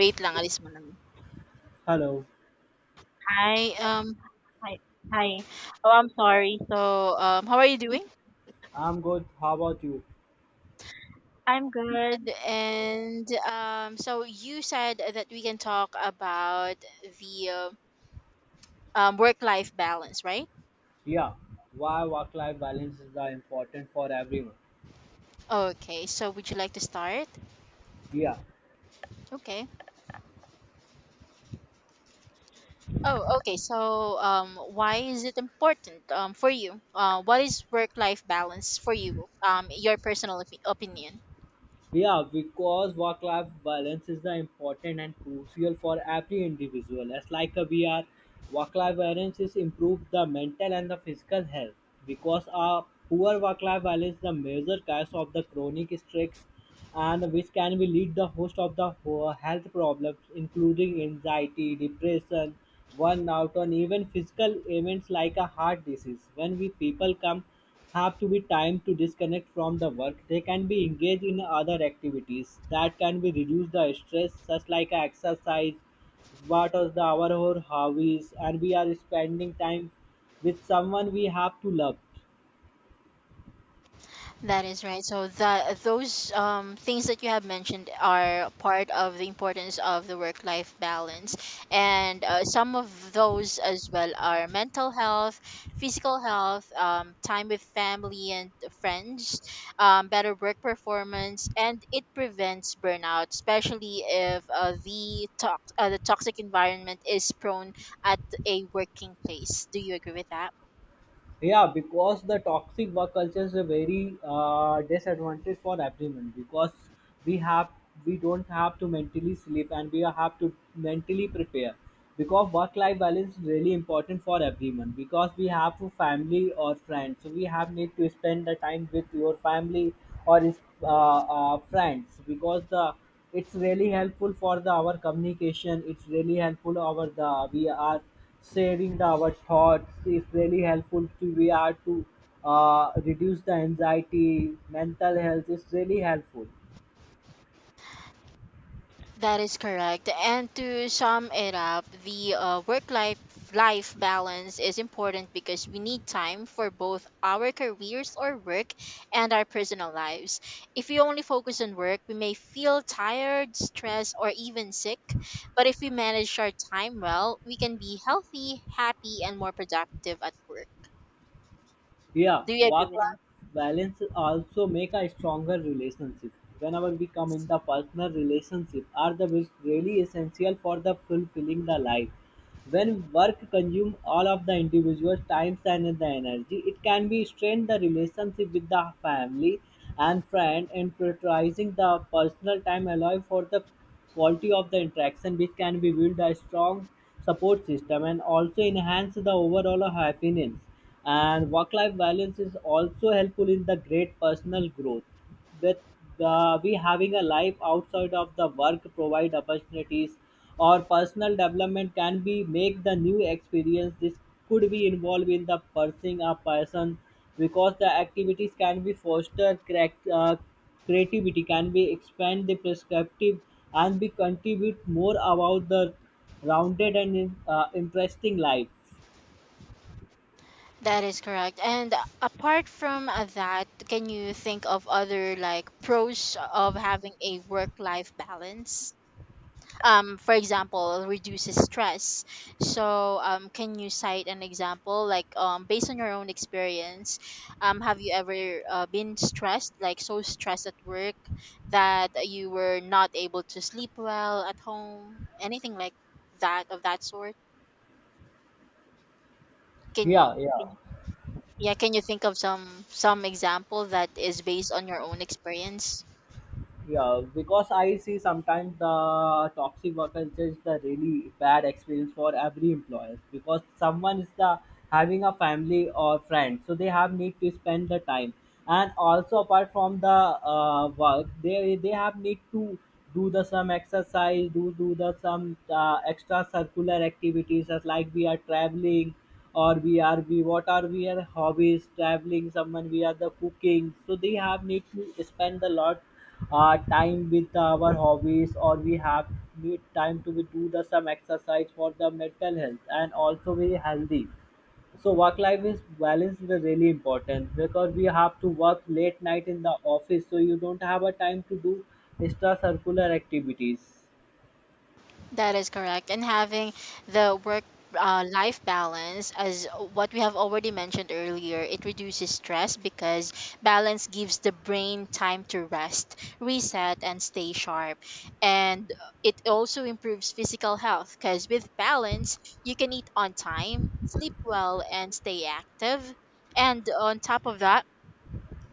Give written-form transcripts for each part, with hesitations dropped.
Wait lang, alis muna ako. Hello, Hi, hi, hi. Oh, I'm sorry. So, how are you doing? I'm good. How about you? I'm good. And so you said that we can talk about the work-life balance, right? Yeah, why work life balance is the important for everyone. Okay. So would you like to start? Yeah, Okay. Oh, okay. So why is it important for you? What is work-life balance for you? Your personal opinion. Yeah, because work life balance is the important and crucial for every individual. As like a we are, work life balance is improve the mental and the physical health because a poor work life balance is the major cause of the chronic stress and which can be lead the host of the health problems including anxiety, depression, burnout and even physical ailments like a heart disease. When we people come have to be time to disconnect from the work, they can be engaged in other activities that can be reduce the stress, such like exercise, what are the our hobbies, and we are spending time with someone we have to love. That is right. So that those things that you have mentioned are part of the importance of the work-life balance, and some of those as well are mental health, physical health, time with family and friends, better work performance, and it prevents burnout, especially if the toxic environment is prone at a working place. Do you agree with that? Yeah, because the toxic work culture is a very disadvantage for everyone, because we have, we don't have to mentally sleep and we have to mentally prepare, because work life balance is really important for everyone, because we have a family or friends, so we have need to spend the time with your family or is uh, friends, because the it's really helpful for the our communication, it's really helpful over the we are sharing our thoughts, is really helpful to we are to reduce the anxiety. Mental health is really helpful. That is correct. And to sum it up, the work life balance is important because we need time for both our careers or work and our personal lives. If we only focus on work, we may feel tired, stressed, or even sick. But if we manage our time well, we can be healthy, happy, and more productive at work. Yeah, Do you agree with that? work-life balance also make a stronger relationship. Whenever we come in the personal relationship, are the which really essential for the fulfilling the life. When work consumes all of the individual's time and the energy, it can be strain the relationship with the family and friend, and prioritizing the personal time allow for the quality of the interaction, which can be build a strong support system and also enhance the overall happiness. And work-life balance is also helpful in the great personal growth with the we having a life outside of the work, provide opportunities or personal development, can be make the new experience. This could be involved in the pursuing a person, because the activities can be foster creativity, can be expand the perspective and be contribute more about the rounded and interesting life. That is correct. And apart from that, can you think of other like pros of having a work-life balance? For example, reduces stress. So, can you cite an example like based on your own experience, have you ever been stressed, like so stressed at work that you were not able to sleep well at home? Anything like that of that sort? Can, yeah yeah yeah, can you think of some example that is based on your own experience? Yeah, because I see sometimes the toxic workers is just the really bad experience for every employer, because someone is the having a family or friend, so they have need to spend the time, and also apart from the work, they have need to do the some exercise, do the some extra circular activities, as like we are traveling, or we are we what are we are hobbies traveling someone we are the cooking, so they have need to spend a lot time with our hobbies, or we have need time to we do the some exercise for the mental health and also be healthy. So work life is balance is really important, because we have to work late night in the office, so you don't have a time to do extra circular activities. That is correct. And having the work life balance, as what we have already mentioned earlier, it reduces stress because balance gives the brain time to rest, reset, and stay sharp. And it also improves physical health because with balance, you can eat on time, sleep well, and stay active. And on top of that,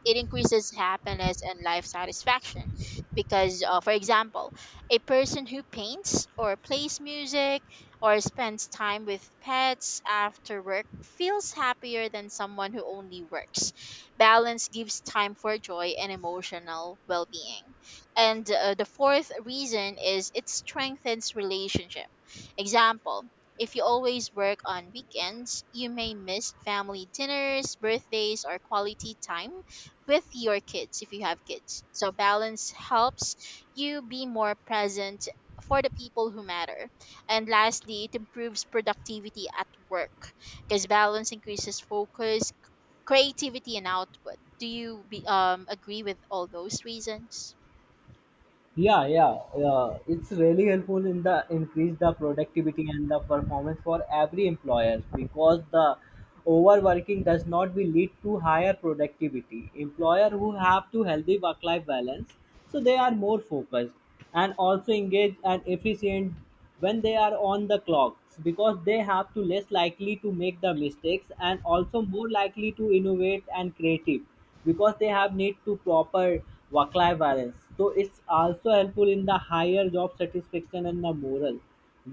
it increases happiness and life satisfaction because, for example, a person who paints or plays music or spends time with pets after work feels happier than someone who only works. Balance gives time for joy and emotional well-being. And the fourth reason is it strengthens relationship. Example: if you always work on weekends, you may miss family dinners, birthdays, or quality time with your kids if you have kids. So balance helps you be more present for the people who matter. And lastly, it improves productivity at work because balance increases focus, creativity and output. Do you agree with all those reasons? Yeah, yeah, yeah. It's really helpful in the increase the productivity and the performance for every employer, because the overworking does not be lead to higher productivity. Employer who have to healthy work-life balance, so they are more focused and also engaged and efficient when they are on the clock, because they have to less likely to make the mistakes and also more likely to innovate and creative, because they have need to proper work life balance. So it's also helpful in the higher job satisfaction and the moral.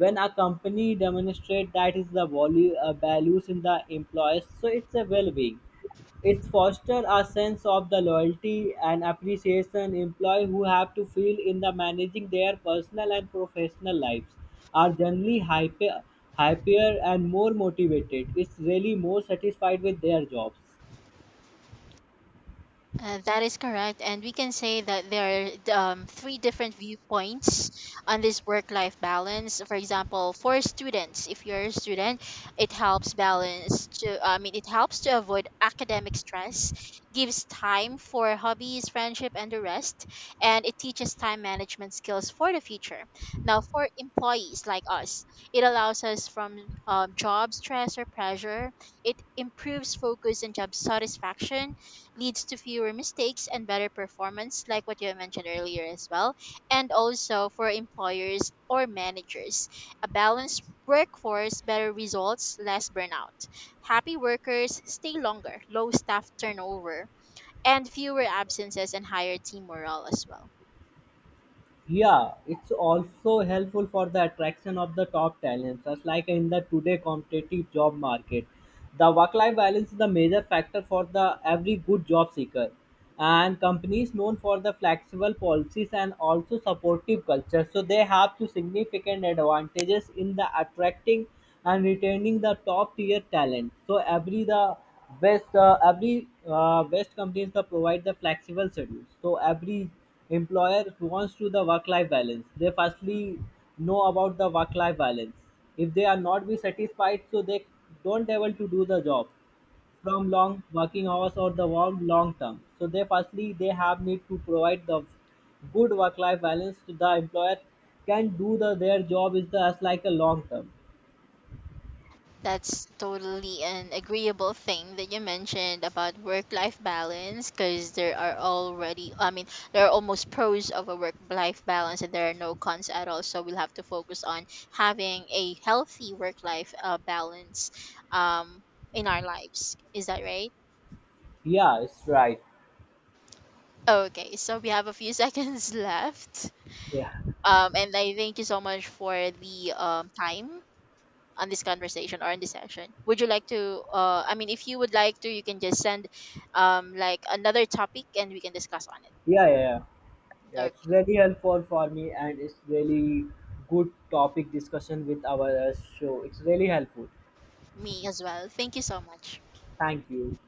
When a company demonstrate that is the value values in the employees, so it's a well-being, it fosters a sense of the loyalty and appreciation. Employees who have to feel in the managing their personal and professional lives are generally hyper, happier and more motivated. It's really more satisfied with their jobs. That is correct. And we can say that there are three different viewpoints on this work life balance. For example, for students, if you're a student, it helps balance to, I mean, it helps to avoid academic stress, gives time for hobbies, friendship, and the rest, and it teaches time management skills for the future. Now, for employees like us, it allows us from job stress or pressure, it improves focus and job satisfaction, leads to fewer mistakes and better performance, like what you mentioned earlier as well. And also for employers or managers, a balanced workforce, better results, less burnout, happy workers stay longer, low staff turnover, and fewer absences and higher team morale as well. Yeah, it's also helpful for the attraction of the top talents. Just like in the today competitive job market, the work-life balance is the major factor for the every good job seeker. And companies known for the flexible policies and also supportive culture, so they have to significant advantages in the attracting and retaining the top tier talent. So every the best every best companies the provide the flexible schedules. So every employer wants to the work life balance. They firstly know about the work life balance. If they are not be satisfied, so they don't able to do the job from long working hours or the long term. So they firstly they have need to provide the good work life balance to the employer, can do the their job is the as like a long term. That's totally an agreeable thing that you mentioned about work life balance because there are already, I mean, there are almost pros of a work life balance and there are no cons at all. So we'll have to focus on having a healthy work life balance um, in our lives. Is that right? Yeah, it's right. Okay, so we have a few seconds left. Yeah, And I thank you so much for the time on this conversation or in this session. Would you like to, I mean, if you would like to, you can just send like another topic and we can discuss on it. yeah, yeah. Yeah, yeah, it's Okay, really helpful for me, and it's really good topic discussion with our show. It's really helpful. me as well, thank you so much. Thank you.